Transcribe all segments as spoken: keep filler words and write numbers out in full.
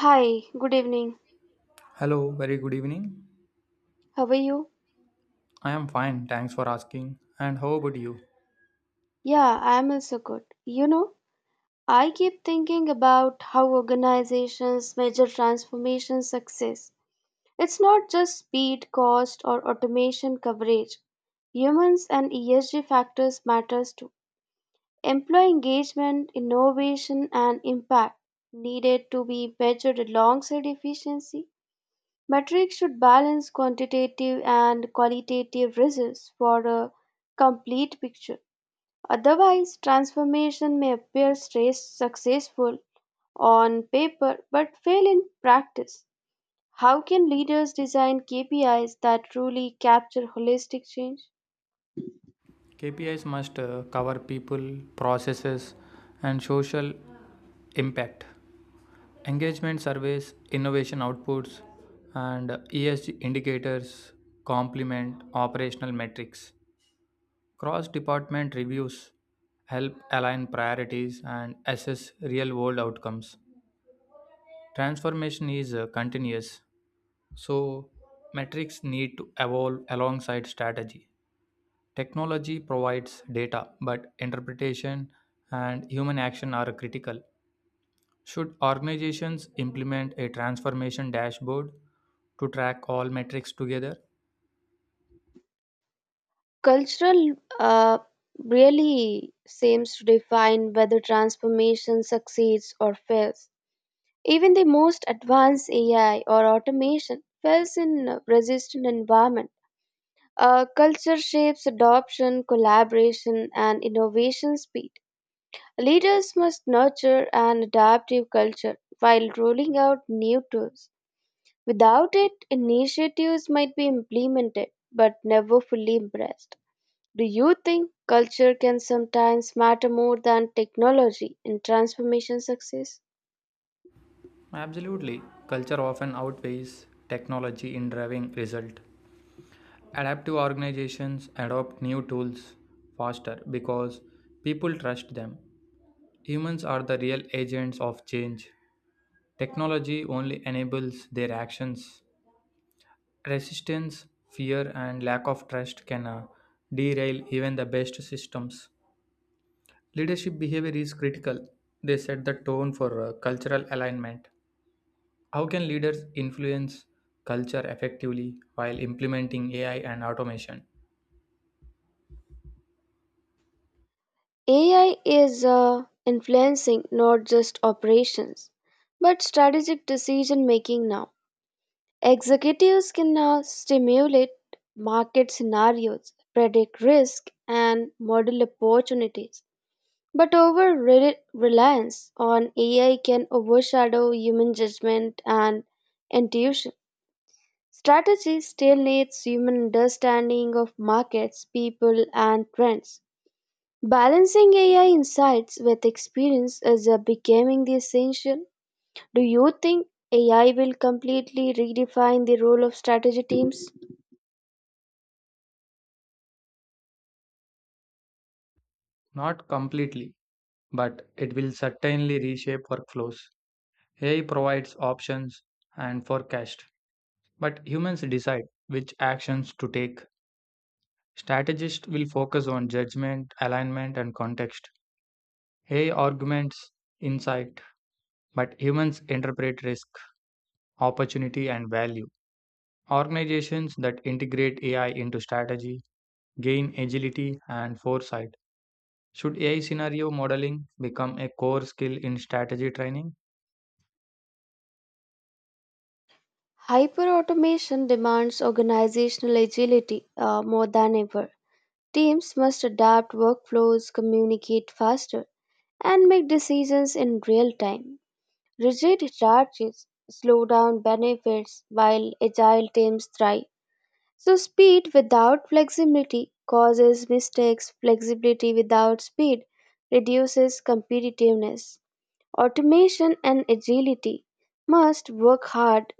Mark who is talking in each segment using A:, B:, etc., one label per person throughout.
A: Hi, good evening.
B: Hello, very good evening.
A: How are you?
B: I am fine, thanks for asking. And how about you?
A: Yeah, I am also good. You know, I keep thinking about how organizations measure transformation success. It's not just speed, cost, or automation coverage. Humans and E S G factors matters too. Employee engagement, innovation, and impact needed to be measured alongside efficiency. Metrics should balance quantitative and qualitative results for a complete picture. Otherwise, transformation may appear stress successful on paper but fail in practice. How can leaders design K P Is that truly capture holistic change?
B: K P Is must uh, cover people, processes, and social impact. Engagement surveys, innovation outputs, and E S G indicators complement operational metrics. Cross department reviews help align priorities and assess real world outcomes. Transformation is uh, continuous, so metrics need to evolve alongside strategy. Technology provides data, but interpretation and human action are critical. Should organizations implement a transformation dashboard to track all metrics together?
A: Cultural uh, really seems to define whether transformation succeeds or fails. Even the most advanced A I or automation fails in a resistant environment. Uh, culture shapes adoption, collaboration, and innovation speed. Leaders must nurture an adaptive culture while rolling out new tools. Without it, initiatives might be implemented but never fully embraced. Do you think culture can sometimes matter more than technology in transformation success?
B: Absolutely. Culture often outweighs technology in driving result. Adaptive organizations adopt new tools faster because people trust them. Humans are the real agents of change. Technology only enables their actions. Resistance, fear, and lack of trust can uh, derail even the best systems. Leadership behavior is critical. They set the tone for uh, cultural alignment. How can leaders influence culture effectively while implementing A I and automation?
A: A I is uh, influencing not just operations but strategic decision making now. Executives can now stimulate market scenarios, predict risk, and model opportunities. But over re- reliance on A I can overshadow human judgment and intuition. Strategy still needs human understanding of markets, people, and trends. Balancing A I insights with experience is uh, becoming the essential. Do you think A I will completely redefine the role of strategy teams?
B: Not completely, but it will certainly reshape workflows. A I provides options and forecast, but humans decide which actions to take. Strategists will focus on judgment, alignment, and context. A I arguments insight, but humans interpret risk, opportunity, and value. Organizations that integrate A I into strategy gain agility and foresight. Should A I scenario modeling become a core skill in strategy training?
A: Hyperautomation demands organizational agility uh, more than ever. Teams must adapt workflows, communicate faster, and make decisions in real time. Rigid hierarchies slow down benefits while agile teams thrive. So, speed without flexibility causes mistakes, flexibility without speed reduces competitiveness. Automation and agility must work hard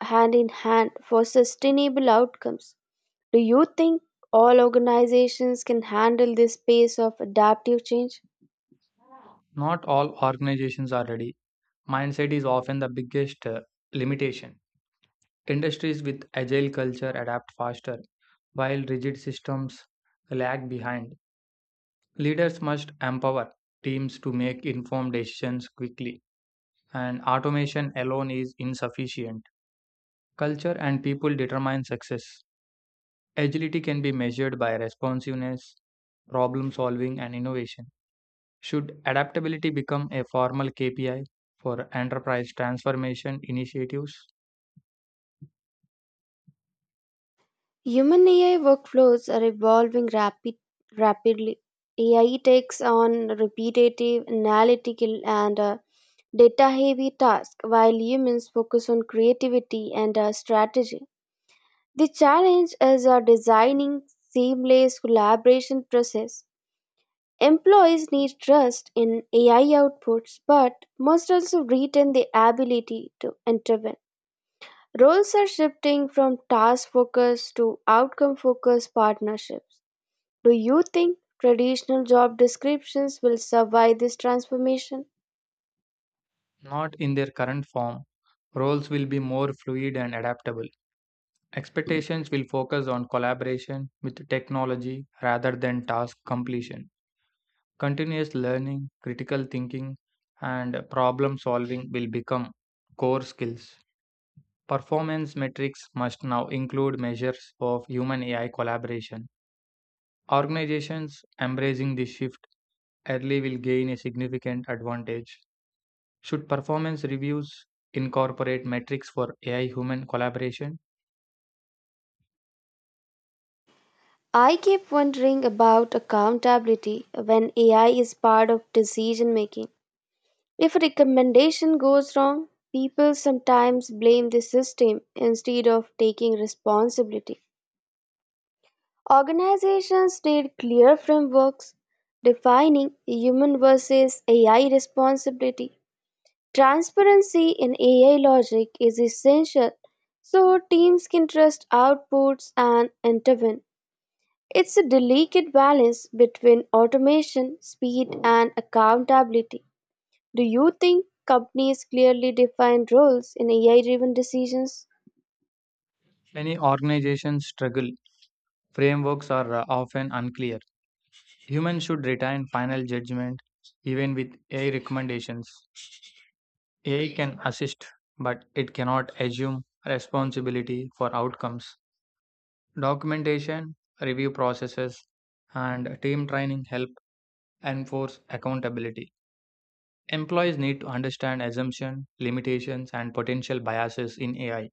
A: hand in hand for sustainable outcomes. Do you think all organizations can handle this pace of adaptive change?
B: Not all organizations are ready. Mindset is often the biggest uh, limitation. Industries with agile culture adapt faster, while rigid systems lag behind. Leaders must empower teams to make informed decisions quickly, and automation alone is insufficient. Culture and people determine success. Agility can be measured by responsiveness, problem solving, and innovation. Should adaptability become a formal K P I for enterprise transformation initiatives?
A: Human A I workflows are evolving rapid, rapidly. A I takes on repetitive, analytical, and data heavy tasks, while humans focus on creativity and uh, strategy. The challenge is a designing seamless collaboration process. Employees need trust in A I outputs but must also retain the ability to intervene. Roles are shifting from task focused to outcome focused partnerships. Do you think traditional job descriptions will survive this transformation?
B: Not in their current form. Roles will be more fluid and adaptable. Expectations will focus on collaboration with technology rather than task completion. Continuous learning, critical thinking, and problem solving will become core skills. Performance metrics must now include measures of human A I collaboration. Organizations embracing this shift early will gain a significant advantage. Should performance reviews incorporate metrics for A I human collaboration?
A: I keep wondering about accountability when A I is part of decision making. If a recommendation goes wrong, people sometimes blame the system instead of taking responsibility. Organizations need clear frameworks defining human versus A I responsibility. Transparency in A I logic is essential so teams can trust outputs and intervene. It's a delicate balance between automation, speed, and accountability. Do you think companies clearly define roles in A I-driven decisions?
B: Many organizations struggle. Frameworks are uh, often unclear. Humans should retain final judgment even with A I recommendations. A I can assist, but it cannot assume responsibility for outcomes. Documentation, review processes, and team training help enforce accountability. Employees need to understand assumptions, limitations, and potential biases in A I.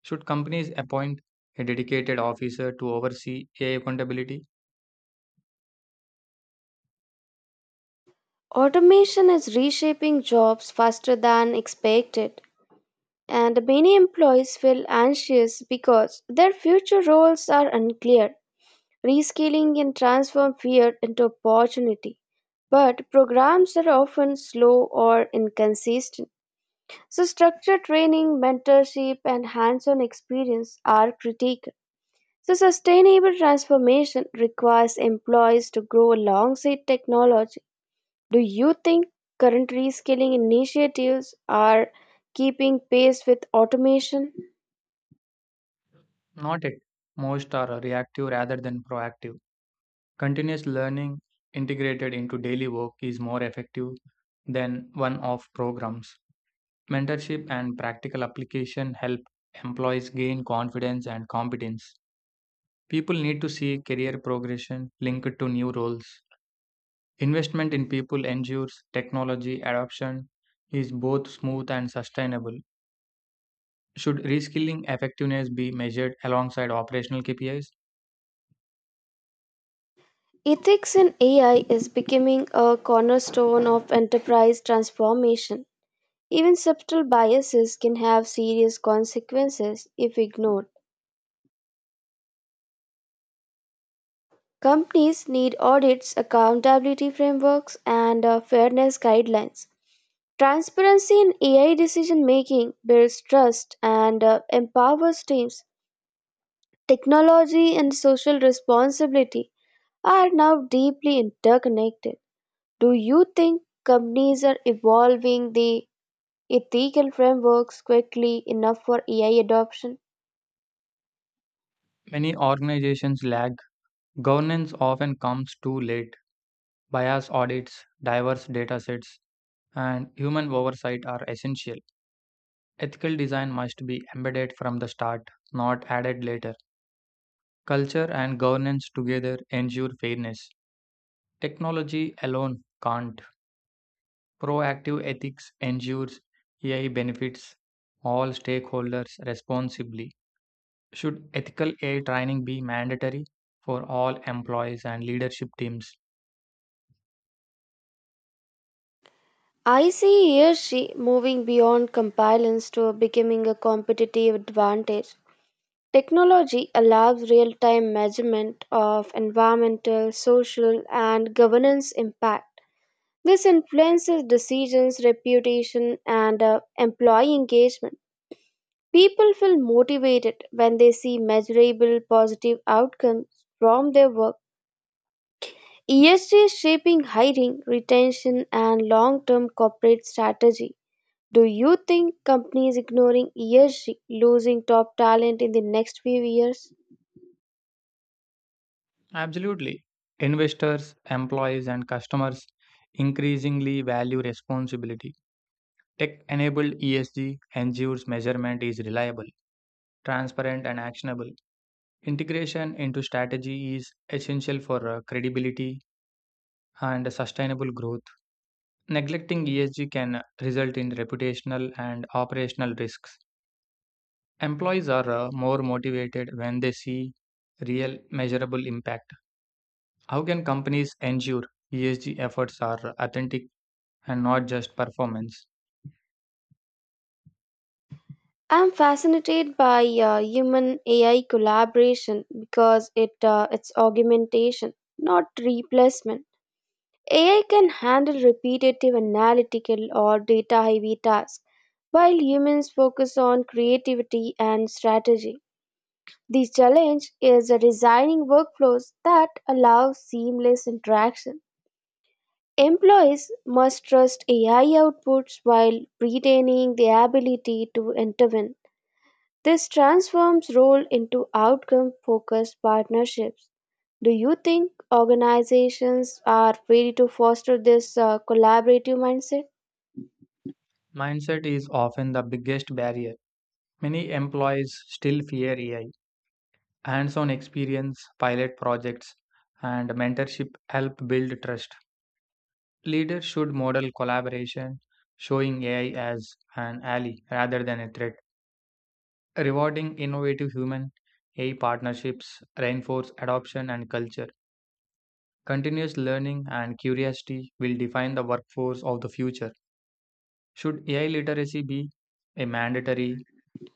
B: Should companies appoint a dedicated officer to oversee A I accountability?
A: Automation is reshaping jobs faster than expected, and many employees feel anxious because their future roles are unclear. Reskilling can transform fear into opportunity, but programs are often slow or inconsistent. So, structured training, mentorship, and hands on experience are critical. So, sustainable transformation requires employees to grow alongside technology. Do you think current reskilling initiatives are keeping pace with automation?
B: Not it. Most are reactive rather than proactive. Continuous learning integrated into daily work is more effective than one off programs. Mentorship and practical application help employees gain confidence and competence. People need to see career progression linked to new roles. Investment in people ensures technology adoption is both smooth and sustainable. Should reskilling effectiveness be measured alongside operational K P Is?
A: Ethics in A I is becoming a cornerstone of enterprise transformation. Even subtle biases can have serious consequences if ignored. Companies need audits, accountability frameworks, and uh, fairness guidelines. Transparency in A I decision making builds trust and uh, empowers teams. Technology and social responsibility are now deeply interconnected. Do you think companies are evolving the ethical frameworks quickly enough for A I adoption?
B: Many organizations lag. Governance often comes too late. Bias audits, diverse datasets, and human oversight are essential. Ethical design must be embedded from the start, not added later. Culture and governance together ensure fairness. Technology alone can't. Proactive ethics ensures A I benefits all stakeholders responsibly. Should ethical A I training be mandatory for all employees and leadership teams?
A: I see he or she moving beyond compliance to becoming a competitive advantage. Technology allows real-time measurement of environmental, social, and governance impact. This influences decisions, reputation, and uh, employee engagement. People feel motivated when they see measurable positive outcomes from their work. E S G is shaping hiring, retention, and long-term corporate strategy. Do you think companies ignoring E S G losing top talent in the next few years?
B: Absolutely. Investors, employees, and customers increasingly value responsibility. Tech enabled E S G ensures measurement is reliable, transparent, and actionable. Integration into strategy is essential for uh, credibility and sustainable growth. Neglecting E S G can result in reputational and operational risks. Employees are uh, more motivated when they see real measurable impact. How can companies ensure E S G efforts are authentic and not just performance?
A: I'm fascinated by uh, human A I collaboration because it uh, it's augmentation, not replacement. A I can handle repetitive analytical or data heavy tasks, while humans focus on creativity and strategy. The challenge is designing workflows that allow seamless interaction. Employees must trust A I outputs while retaining the ability to intervene. This transforms role into outcome focused partnerships. Do you think organizations are ready to foster this uh, collaborative mindset?
B: Mindset is often the biggest barrier. Many employees still fear A I. Hands on experience, pilot projects, and mentorship help build trust. Leaders should model collaboration, showing A I as an ally rather than a threat. Rewarding innovative human A I partnerships reinforce adoption and culture. Continuous learning and curiosity will define the workforce of the future. Should A I literacy be a mandatory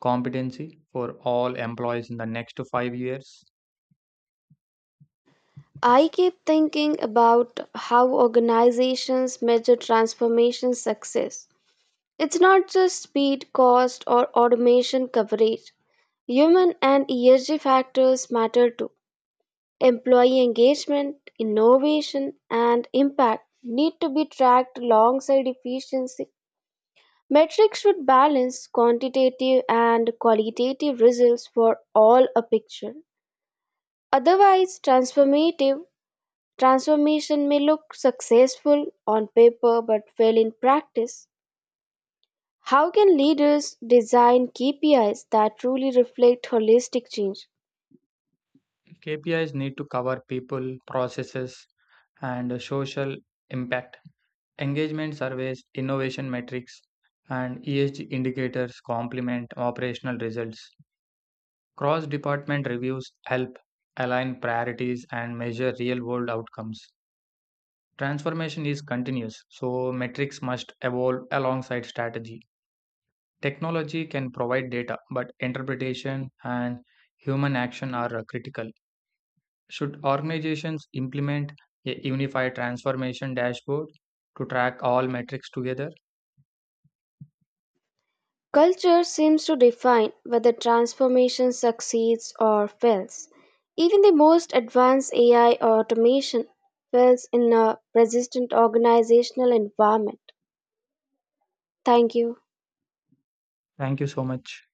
B: competency for all employees in the next five years?
A: I keep thinking about how organizations measure transformation success. It's not just speed, cost, or automation coverage. Human and E S G factors matter too. Employee engagement, innovation, and impact need to be tracked alongside efficiency. Metrics should balance quantitative and qualitative results for all a picture. Otherwise, transformative transformation may look successful on paper but fail in practice. How can leaders design K P Is that truly reflect holistic change?
B: K P Is need to cover people, processes, and social impact. Engagement surveys, innovation metrics, and E S G indicators complement operational results. Cross department reviews help align priorities and measure real world outcomes. Transformation is continuous, so metrics must evolve alongside strategy. Technology can provide data, but interpretation and human action are uh, critical. Should organizations implement a unified transformation dashboard to track all metrics together?
A: Culture seems to define whether transformation succeeds or fails. Even the most advanced A I or automation fails in a resistant organizational environment. Thank you.
B: Thank you so much.